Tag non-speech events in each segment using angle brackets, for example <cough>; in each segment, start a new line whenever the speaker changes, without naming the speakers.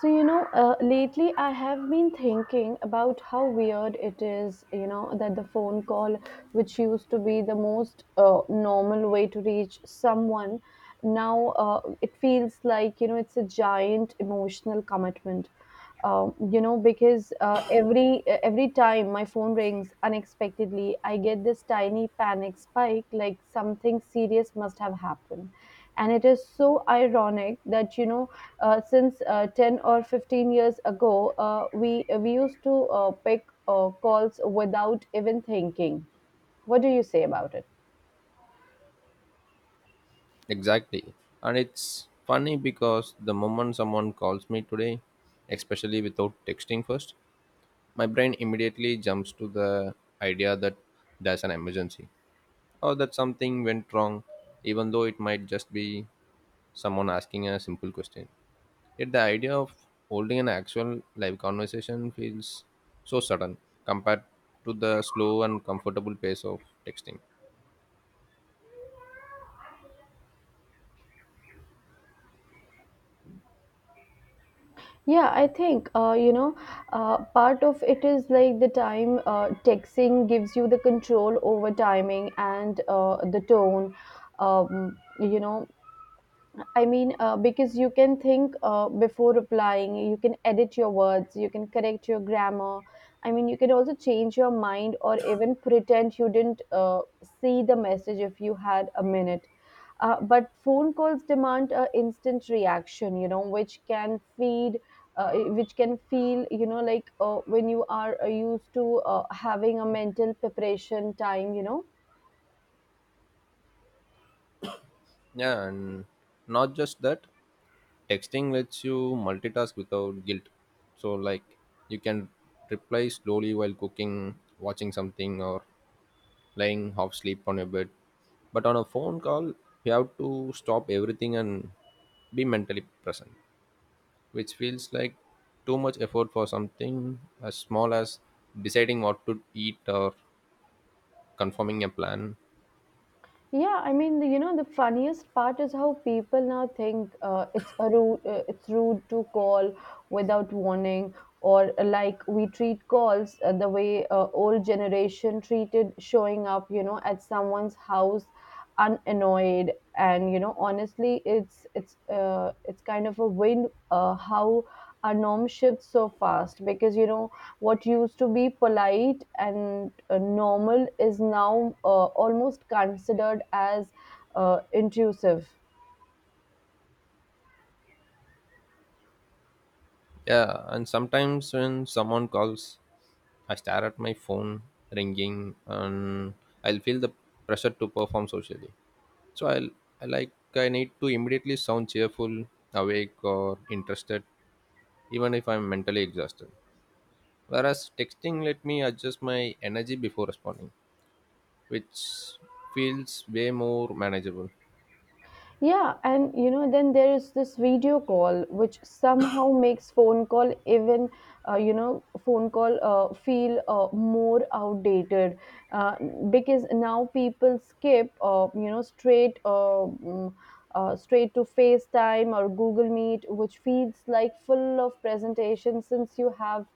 Lately I have been thinking about how weird it is, that the phone call, which used to be the most normal way to reach someone, now it feels like, it's a giant emotional commitment, because every time my phone rings unexpectedly, I get this tiny panic spike, like something serious must have happened. And it is so ironic that, you know, since 10 or 15 years ago we used to pick calls without even thinking. What do you say about it?
Exactly. And it's funny because the moment someone calls me today, especially without texting first, my brain immediately jumps to the idea that there's an emergency or that something went wrong, even though it might just be someone asking a simple question. Yet the idea of holding an actual live conversation feels so sudden compared to the slow and comfortable pace of texting.
Yeah, I think, part of it is like the time, texting gives you the control over timing and the tone. Um, you know, I mean, because you can think before replying, you can edit your words, you can correct your grammar. I mean, you can also change your mind, or even pretend you didn't see the message if you had a minute. But phone calls demand a instant reaction, you know, which can which can feel, you know, like when you are used to having a mental preparation time.
Yeah, and not just that. Texting lets you multitask without guilt, so like you can reply slowly while cooking, watching something, or lying half asleep on your bed. But on a phone call you have to stop everything and be mentally present, which feels like too much effort for something as small as deciding what to eat or confirming a plan.
Yeah, I mean, the funniest part is how people now think it's rude to call without warning, or like we treat calls the way old generation treated showing up, you know, at someone's house unannoyed. And you know, honestly, it's it's kind of a wind how our norm shifts so fast, because you know what used to be polite and normal is now almost considered as intrusive.
Yeah, and sometimes when someone calls I stare at my phone ringing and I'll feel the pressure to perform socially. So I'll I like I need to immediately sound cheerful, awake, or interested, even if I'm mentally exhausted. Whereas texting let me adjust my energy before responding, which feels way more manageable.
Yeah, and you know, then there is this video call, which somehow makes phone call even, phone call feel more outdated, uh, because now people skip straight to FaceTime or Google Meet, which feels like full of presentation, since you have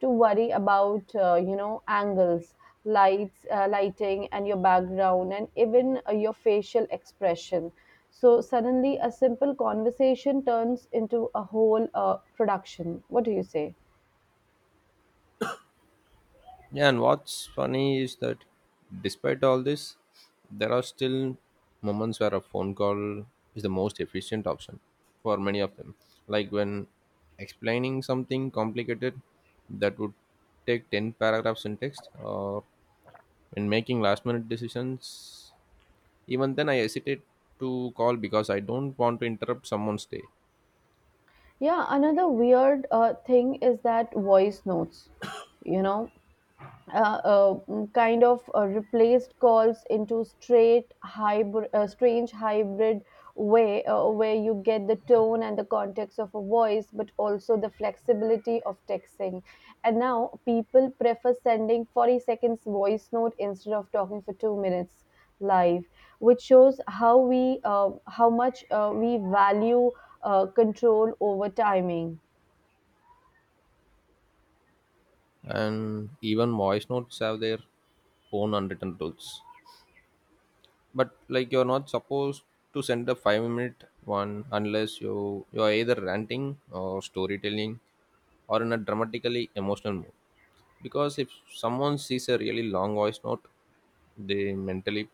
to worry about, angles, lights, lighting, and your background, and even your facial expression. So suddenly a simple conversation turns into a whole production. What do you say?
Yeah, and what's funny is that despite all this, there are still moments where a phone call is the most efficient option for many of them. Like when explaining something complicated that would take 10 paragraphs in text, or when making last minute decisions. Even then I hesitate to call because I don't want to interrupt someone's day.
Yeah, another weird thing is that voice notes, you know kind of replaced calls into strange hybrid way, where you get the tone and the context of a voice, but also the flexibility of texting. And now people prefer sending 40 seconds voice note instead of talking for 2 minutes live, which shows how we how much we value control over timing.
And even voice notes have their own unwritten rules. But like you're not supposed to send a 5-minute one unless you're either ranting or storytelling, or in a dramatically emotional mood, because if someone sees a really long voice note they mentally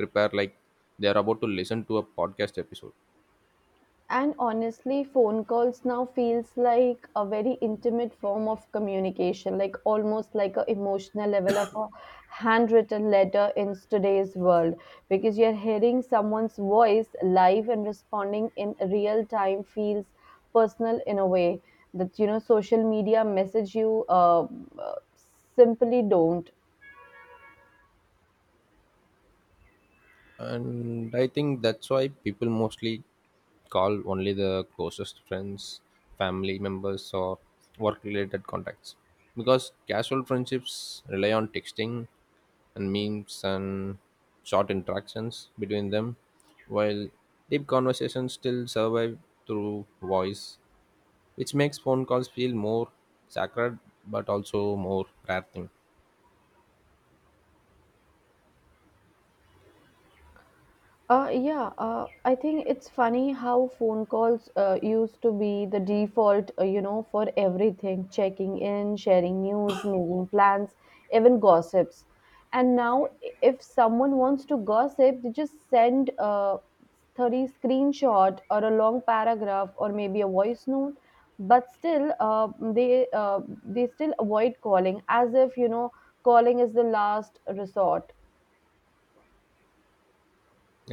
prepare like they are about to listen to a podcast episode.
And honestly, phone calls now feels like a very intimate form of communication, like almost like a emotional level of a handwritten letter in today's world, because you're hearing someone's voice live and responding in real time feels personal in a way that, you know, social media message you uh, simply don't.
And I think that's why people mostly call only the closest friends, family members, or work related contacts, because casual friendships rely on texting and memes and short interactions between them, while deep conversations still survive through voice, which makes phone calls feel more sacred but also more rare thing.
Yeah, I think it's funny how phone calls used to be the default, for everything: checking in, sharing news, making plans, even gossips. And now, if someone wants to gossip, they just send a 30 screenshot, or a long paragraph, or maybe a voice note. But still, they uh, they still avoid calling as if, you know, calling is the last resort.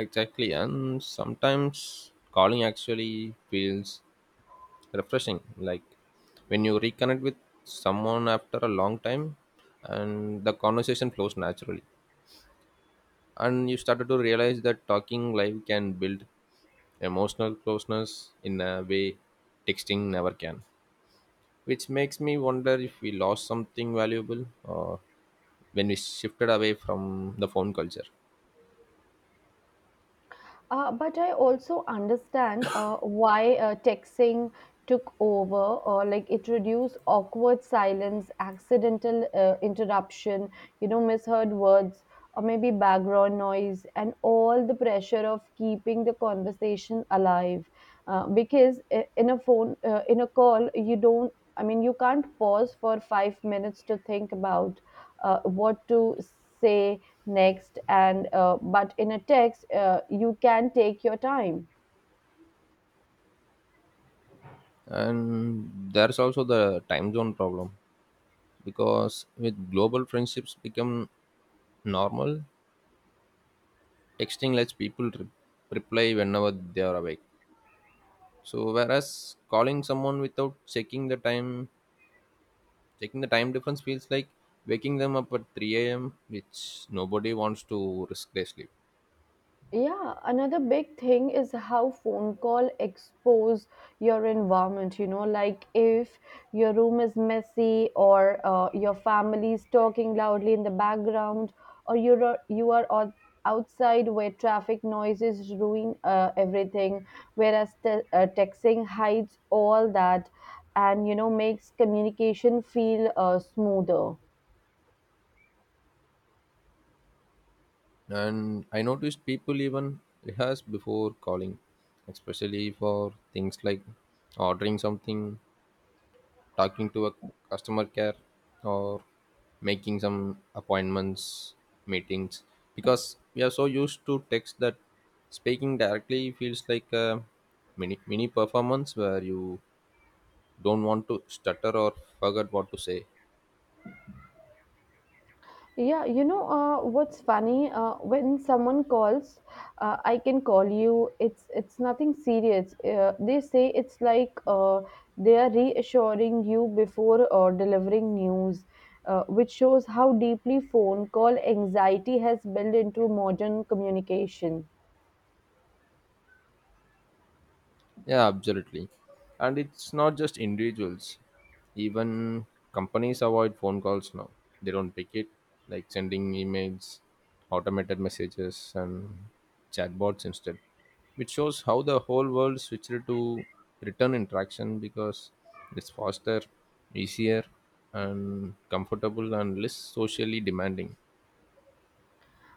Exactly, and sometimes calling actually feels refreshing, like when you reconnect with someone after a long time and the conversation flows naturally, and you started to realize that talking live can build emotional closeness in a way texting never can, which makes me wonder if we lost something valuable or when we shifted away from the phone culture.
But I also understand why texting took over, or like it reduced awkward silence, accidental interruption, you know, misheard words, or maybe background noise, and all the pressure of keeping the conversation alive, because in a phone in a call you don't, I mean, you can't pause for 5 minutes to think about what to say next, and but in a text you can take your time.
And there's also the time zone problem, because with global friendships become normal, texting lets people reply whenever they are awake. So whereas calling someone without checking the time difference feels like waking them up at 3 a.m, which nobody wants to risk their sleep.
Yeah, another big thing is how phone call expose your environment, you know, like if your room is messy, or your family is talking loudly in the background, or you are outside where traffic noises ruin everything, whereas texting hides all that, and you know makes communication feel smoother.
And I noticed people even rehearse before calling, especially for things like ordering something, talking to a customer care, or making some appointments, meetings, because we are so used to text that speaking directly feels like a mini performance where you don't want to stutter or forget what to say.
Yeah, you know, what's funny? When someone calls, "I can call you, it's nothing serious," they say. It's like they are reassuring you before delivering news, which shows how deeply phone call anxiety has built into modern communication.
Yeah, absolutely. And it's not just individuals. Even companies avoid phone calls now. They don't pick it, like sending emails, automated messages, and chatbots instead, which shows how the whole world switched to return interaction because it's faster, easier, and comfortable and less socially demanding.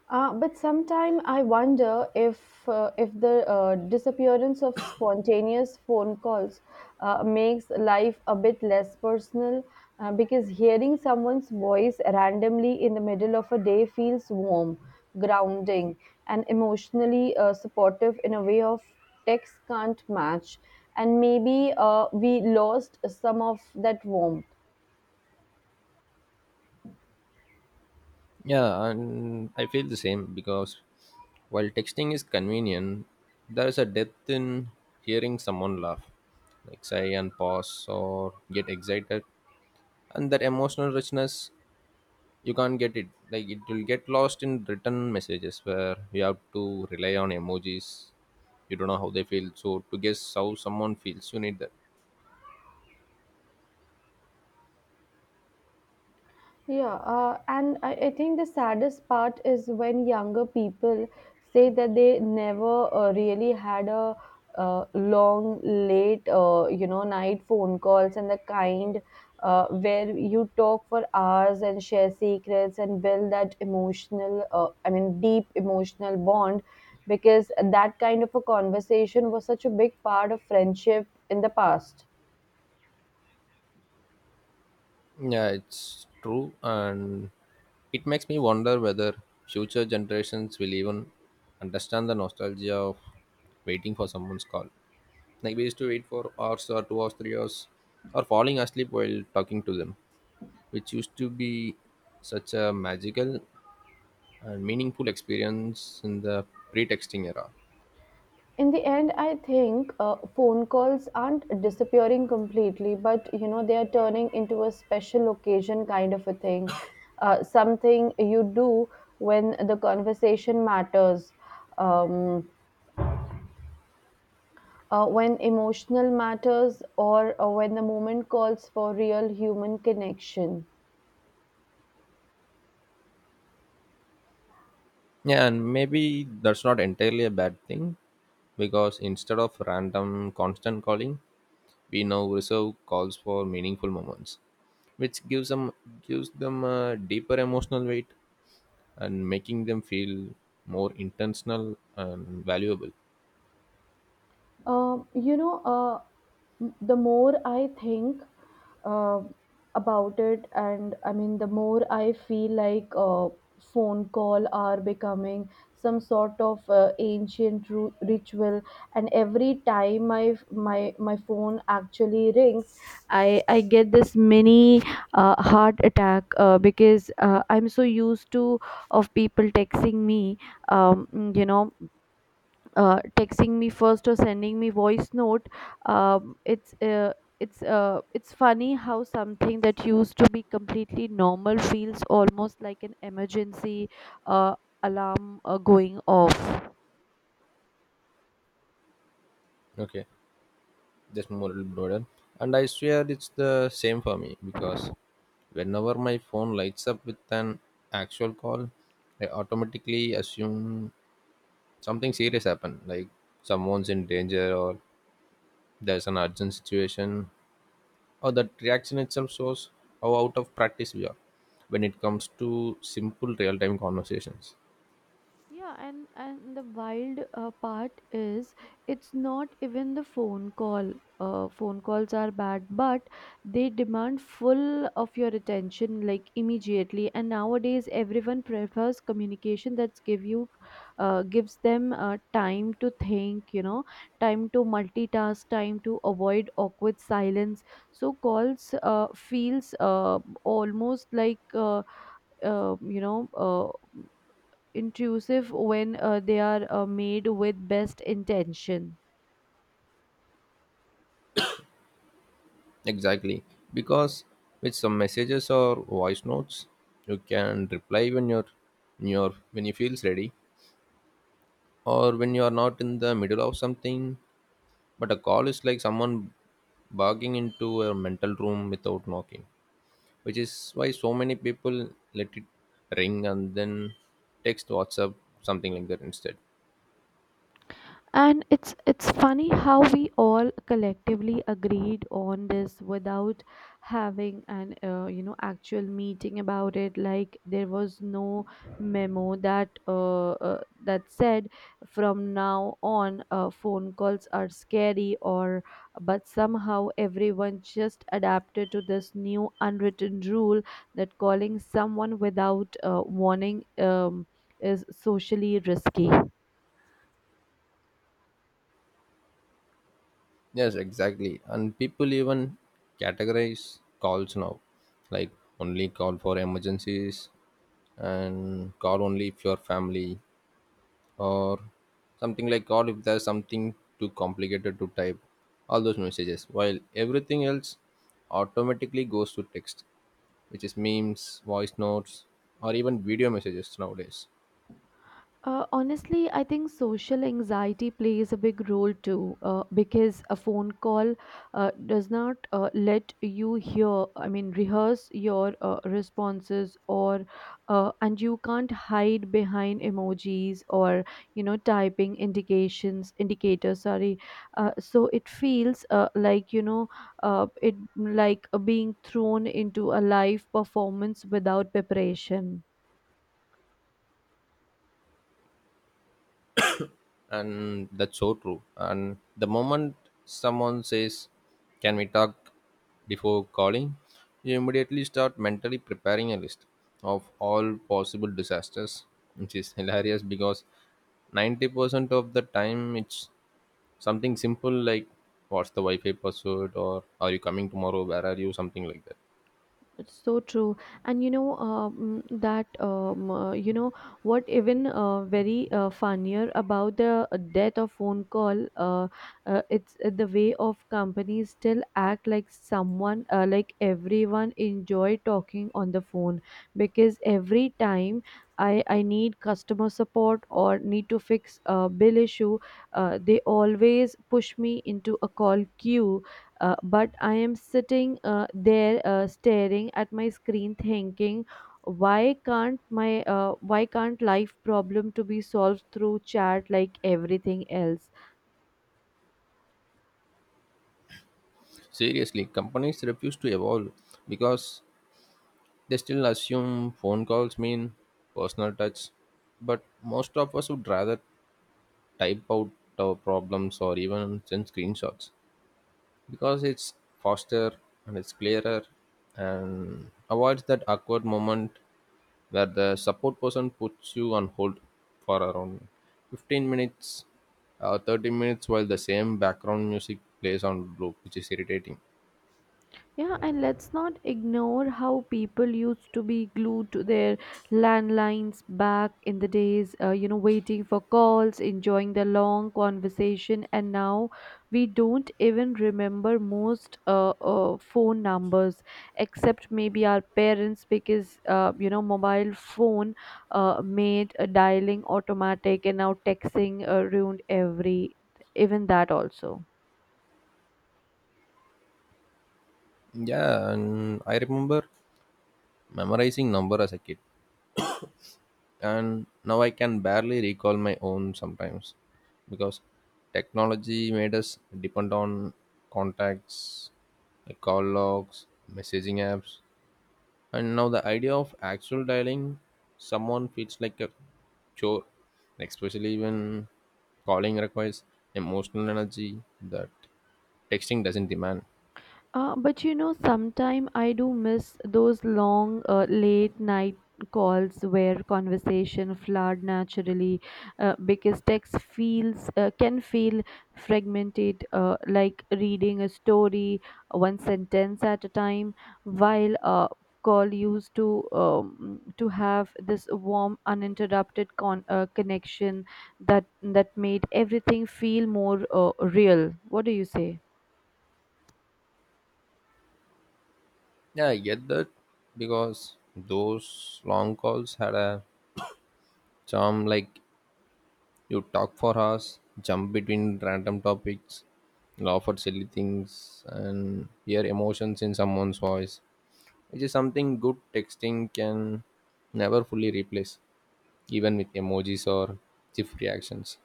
But sometime I wonder if the disappearance of spontaneous phone calls makes life a bit less personal, because hearing someone's voice randomly in the middle of a day feels warm, grounding, and emotionally supportive in a way of text can't match. And maybe we lost some of that warmth.
Yeah, and I feel the same because while texting is convenient, there is a depth in hearing someone laugh, like sigh and pause or get excited, and that emotional richness you can't get it. Like it will get lost in written messages where you have to rely on emojis. You don't know how they feel, so to guess how someone feels, you need that.
Yeah, and I think the saddest part is when younger people say that they never really had a long, late, night phone calls, and the kind where you talk for hours and share secrets and build that emotional, deep emotional bond, because that kind of a conversation was such a big part of friendship in the past.
Yeah, it's true, and it makes me wonder whether future generations will even understand the nostalgia of waiting for someone's call. Like we used to wait for hours or 2 hours, 3 hours, or falling asleep while talking to them, which used to be such a magical and meaningful experience in the pre-texting era.
In the end, I think phone calls aren't disappearing completely, but you know they are turning into a special occasion kind of a thing, something you do when the conversation matters, um, when emotional matters, or when the moment calls for real human connection.
Yeah, and maybe that's not entirely a bad thing, because instead of random constant calling, we now reserve calls for meaningful moments, which gives them a deeper emotional weight and making them feel more intentional and valuable.
Um, you know, uh, the more I think uh, about it, the more I feel like phone call are becoming some sort of ancient ritual. And every time my phone actually rings, I get this mini heart attack because I'm so used to of people texting me. Um, you know Texting me first or sending me voice note, um, it's uh, it's funny how something that used to be completely normal feels almost like an emergency uh, alarm going off.
Okay, that's more broader. And I swear it's the same for me because whenever my phone lights up with an actual call, I automatically assume something serious happened, like someone's in danger or there's an urgent situation, or that reaction itself shows how out of practice we are when it comes to simple real-time conversations.
Yeah, and the wild part is, it's not even the phone call. Phone calls are bad, but they demand full of your attention, like immediately. And nowadays, everyone prefers communication that's give you, gives them time to think, you know, time to multitask, time to avoid awkward silence. So calls feels almost like, uh, you know. Uh, intrusive, when they are made with best intention.
Exactly, because with some messages or voice notes you can reply when you feels ready, or when you are not in the middle of something. But a call is like someone barging into a mental room without knocking, which is why so many people let it ring and then text WhatsApp something like that instead.
And it's funny how we all collectively agreed on this without having an actual meeting about it. Like there was no memo that said, "From now on, phone calls are scary," or but somehow everyone just adapted to this new unwritten rule that calling someone without warning is socially risky.
Yes, exactly. And people even categorize calls now, like only call for emergencies, and call only if your family, or something like call if there's something too complicated to type. All those messages, while everything else automatically goes to text, which is memes, voice notes, or even video messages nowadays.
Honestly, I think social anxiety plays a big role too, because a phone call does not let you rehearse your responses, or and you can't hide behind emojis or, you know, typing indicators. Sorry, so it feels like, you know, it like being thrown into a live performance without preparation.
And that's so true, and the moment someone says can we talk before calling, you immediately start mentally preparing a list of all possible disasters, which is <laughs> hilarious because 90% of the time it's something simple like what's the wi-fi password, or are you coming tomorrow, where are you, something like that.
It's so true, and you know what even very funnier about the death of phone call. It's The way of companies still act like someone like everyone enjoy talking on the phone, because every time I need customer support or need to fix a bill issue, they always push me into a call queue, but I am sitting there staring at my screen thinking, why can't my why can't life problem to be solved through chat like everything else?
Seriously, companies refuse to evolve because they still assume phone calls mean personal touch, but most of us would rather type out our problems or even send screenshots because it's faster and it's clearer and avoids that awkward moment where the support person puts you on hold for around 15 minutes or 30 minutes while the same background music plays on loop, which is irritating.
Yeah, and let's not ignore how people used to be glued to their landlines back in the days, waiting for calls, enjoying the long conversation, and now we don't even remember most phone numbers, except maybe our parents, because, mobile phone made dialing automatic, and now texting ruined every, even that also.
Yeah, and I remember memorizing number as a kid, and now I can barely recall my own sometimes, because technology made us depend on contacts like call logs, messaging apps, and now the idea of actual dialing someone feels like a chore, especially when calling requires emotional energy that texting doesn't demand.
But you know, sometime I do miss those long, late night calls where conversation flowed naturally, because text feels can feel fragmented, like reading a story one sentence at a time, while call used to have this warm, uninterrupted connection that made everything feel more real. What do you say?
Yeah, I get that because those long calls had a charm, like you talk for hours, jump between random topics, laugh at silly things, and hear emotions in someone's voice, which is something good texting can never fully replace, even with emojis or GIF reactions.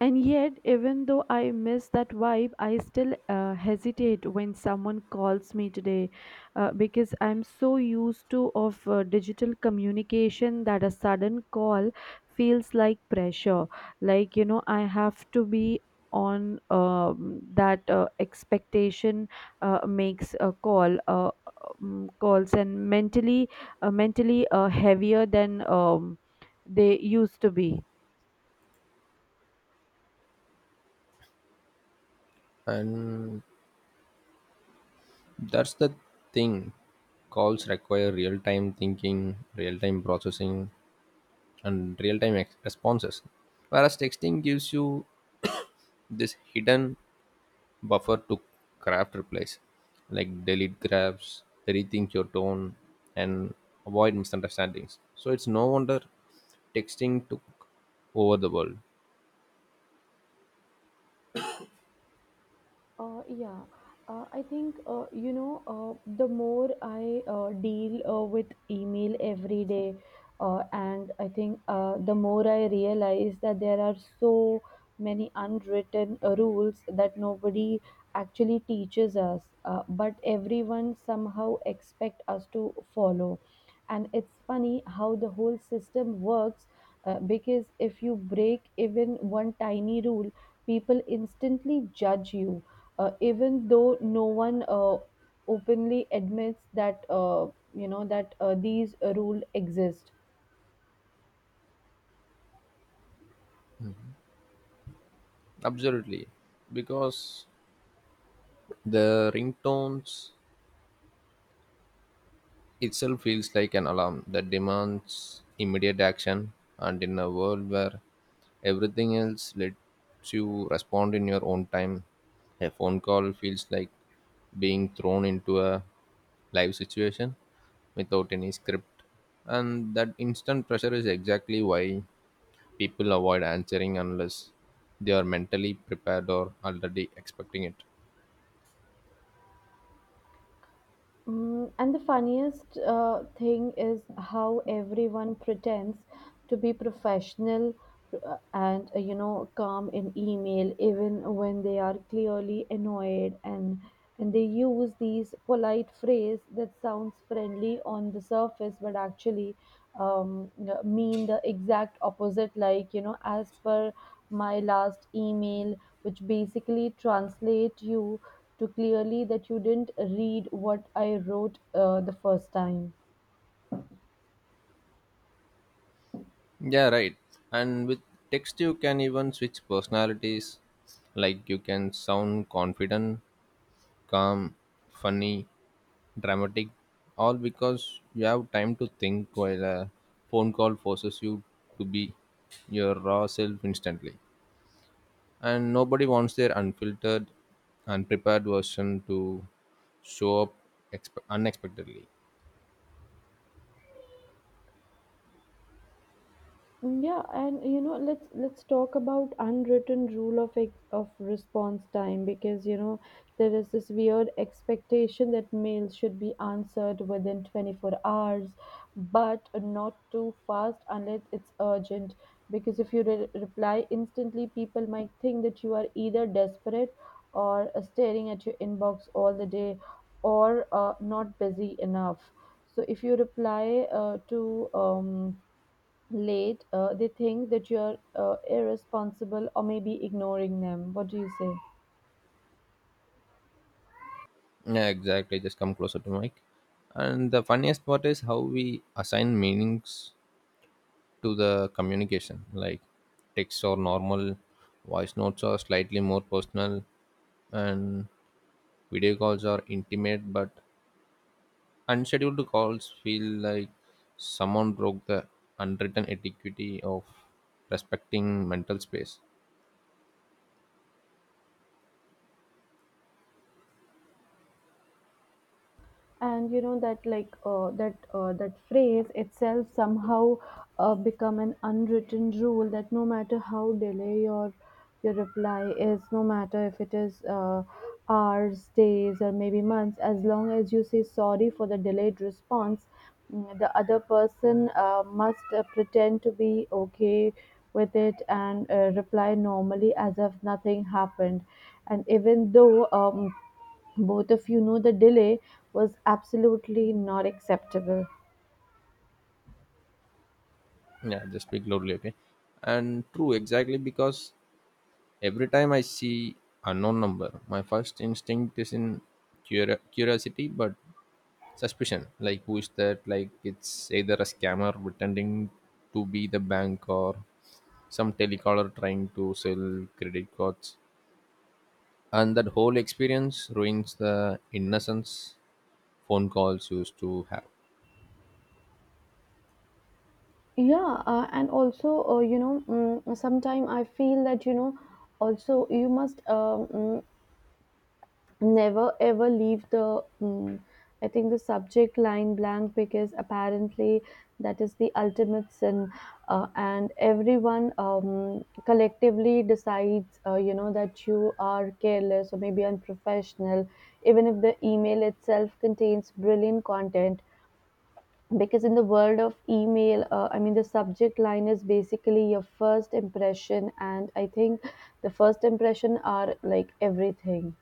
And yet, even though I miss that vibe, I still hesitate when someone calls me today, because I'm so used to of digital communication that a sudden call feels like pressure. I have to be on. That expectation makes a call calls and mentally mentally heavier than they used to be.
And that's the thing. Calls require real time thinking, real time processing, and real time responses. Whereas texting gives you this hidden buffer to craft replies like delete grabs, rethink your tone, and avoid misunderstandings. So it's no wonder texting took over the world.
Yeah, I think the more I deal with email every day, and I think the more I realize that there are so many unwritten rules that nobody actually teaches us, but everyone somehow expect us to follow. And it's funny how the whole system works because if you break even one tiny rule, people instantly judge you, even though no one openly admits that, you know, that these rules exist.
Absolutely. Because the ringtones itself feels like an alarm that demands immediate action. And in a world where everything else lets you respond in your own time, a phone call feels like being thrown into a live situation without any script. And that instant pressure is exactly why people avoid answering unless they are mentally prepared or already expecting it.
Mm, and the funniest thing is how everyone pretends to be professional, and you know, calm in email even when they are clearly annoyed, and they use these polite phrase that sounds friendly on the surface but actually mean the exact opposite, like you know, as per my last email, which basically translate you to clearly that you didn't read what I wrote the first time.
Yeah, right. And with text, you can even switch personalities. Like you can sound confident, calm, funny, dramatic, all because you have time to think, while a phone call forces you to be your raw self instantly. And nobody wants their unfiltered, unprepared version to show up unexpectedly.
Yeah, and you know, let's talk about unwritten rule of response time, because you know there is this weird expectation that mails should be answered within 24 hours, but not too fast unless it's urgent. Because if you reply instantly, people might think that you are either desperate or staring at your inbox all the day or not busy enough. So if you reply to late, they think that you're irresponsible or maybe ignoring them. What do you say?
Yeah, exactly. Just come closer to mic. And the funniest part is how we assign meanings to the communication, like text or normal voice notes are slightly more personal, and video calls are intimate, but unscheduled calls feel like someone broke the unwritten etiquette of respecting mental space.
And you know that, like that phrase itself somehow become an unwritten rule that no matter how delay your reply is, no matter if it is hours, days, or maybe months, as long as you say sorry for the delayed response, mm, the other person must pretend to be okay with it and reply normally as if nothing happened, and even though, both of you know the delay was absolutely not acceptable.
Yeah, just speak loudly, okay. And true, exactly, because every time I see unknown number my first instinct is in curiosity but suspicion, like who is that, like it's either a scammer pretending to be the bank or some telecaller trying to sell credit cards, and that whole experience ruins the innocence phone calls used to have.
Yeah, and also you know, mm, sometime I feel that, you know, also you must never ever leave the, I think, the subject line blank, because apparently that is the ultimate sin, and everyone collectively decides, you know, that you are careless or maybe unprofessional, even if the email itself contains brilliant content, because in the world of email, I mean, the subject line is basically your first impression, and I think the first impression are like everything.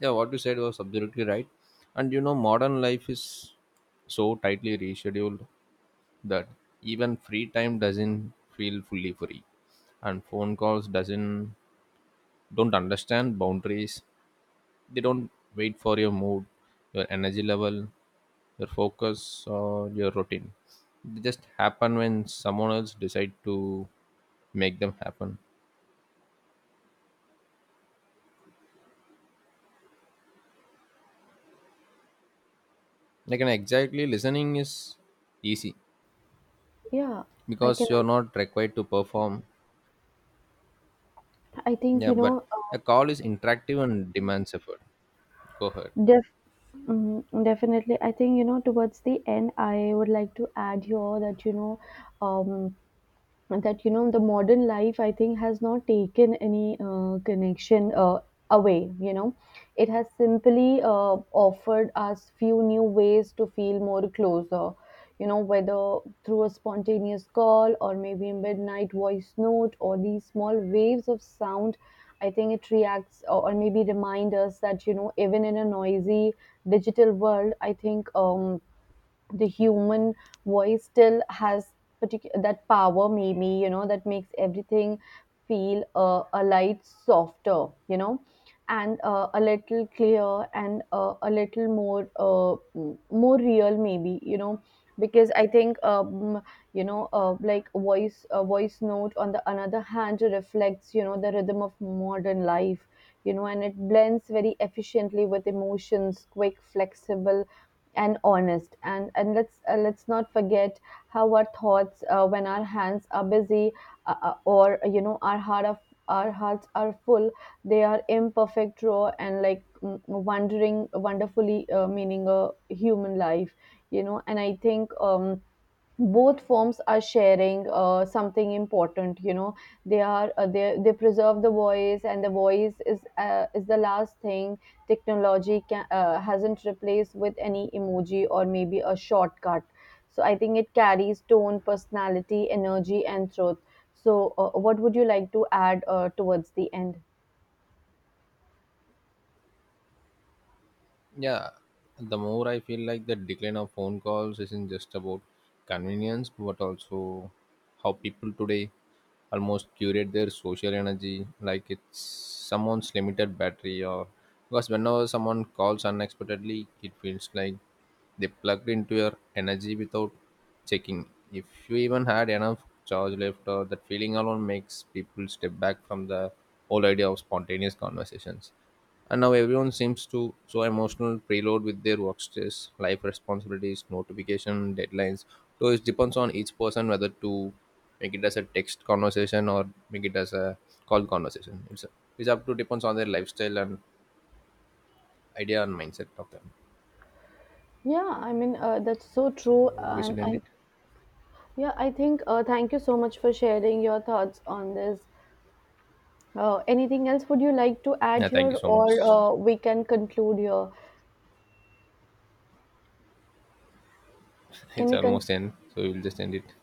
Yeah, what you said was absolutely right, and you know modern life is so tightly rescheduled that even free time doesn't feel fully free, and phone calls doesn't don't understand boundaries. They don't wait for your mood, your energy level, your focus, or your routine. They just happen when someone else decide to make them happen, like an exactly listening is easy
Yeah, I can,
because you're not required to perform.
I think,
Yeah,
you
but
know,
a call is interactive and demands effort. Go ahead.
def- definitely. I think, you know, towards the end, I would like to add here um, that you know the modern life, I think, has not taken any connection away, you know. It has simply offered us few new ways to feel more closer, you know, whether through a spontaneous call, or maybe a midnight voice note, or these small waves of sound, I think it reacts or maybe remind us that, you know, even in a noisy digital world, I think, the human voice still has particular that power, maybe you know, that makes everything feel a light softer, you know, and a little clearer, and a little more more real, maybe you know, because I think, you know, like voice a voice note on the another hand reflects, you know, the rhythm of modern life, you know, and it blends very efficiently with emotions, quick, flexible, and honest, and let's not forget how our thoughts when our hands are busy, or you know our hearts are full, they are imperfect, raw, and like, mm, wondering wonderfully meaning a human life, you know. And I think, both forms are sharing something important, you know. They are, they preserve the voice, and the voice is the last thing technology can, hasn't replaced with any emoji or maybe a shortcut, so I think it carries tone, personality, energy, and truth. So what would you like to add towards the end?
Yeah, the more I feel like the decline of phone calls isn't just about convenience, but also how people today almost curate their social energy like it's someone's limited battery, or because whenever someone calls unexpectedly, it feels like they plugged into your energy without checking. If you even had enough charge left, or that feeling alone makes people step back from the whole idea of spontaneous conversations. And now everyone seems to so emotional preload with their work stress, life responsibilities, notification, deadlines. So it depends on each person whether to make it as a text conversation or make it as a call conversation. It's up to depends on their lifestyle and idea and mindset of them.
Yeah, I mean, that's so
So
true.
we
And
should end it.
I, yeah, I think, thank you so much for sharing your thoughts on this. Anything else would you like to
Yeah,
add
thank you
here,
so
or
much. <laughs>
we can conclude here? Can
It's
we conclude?
almost end, so we'll just end it.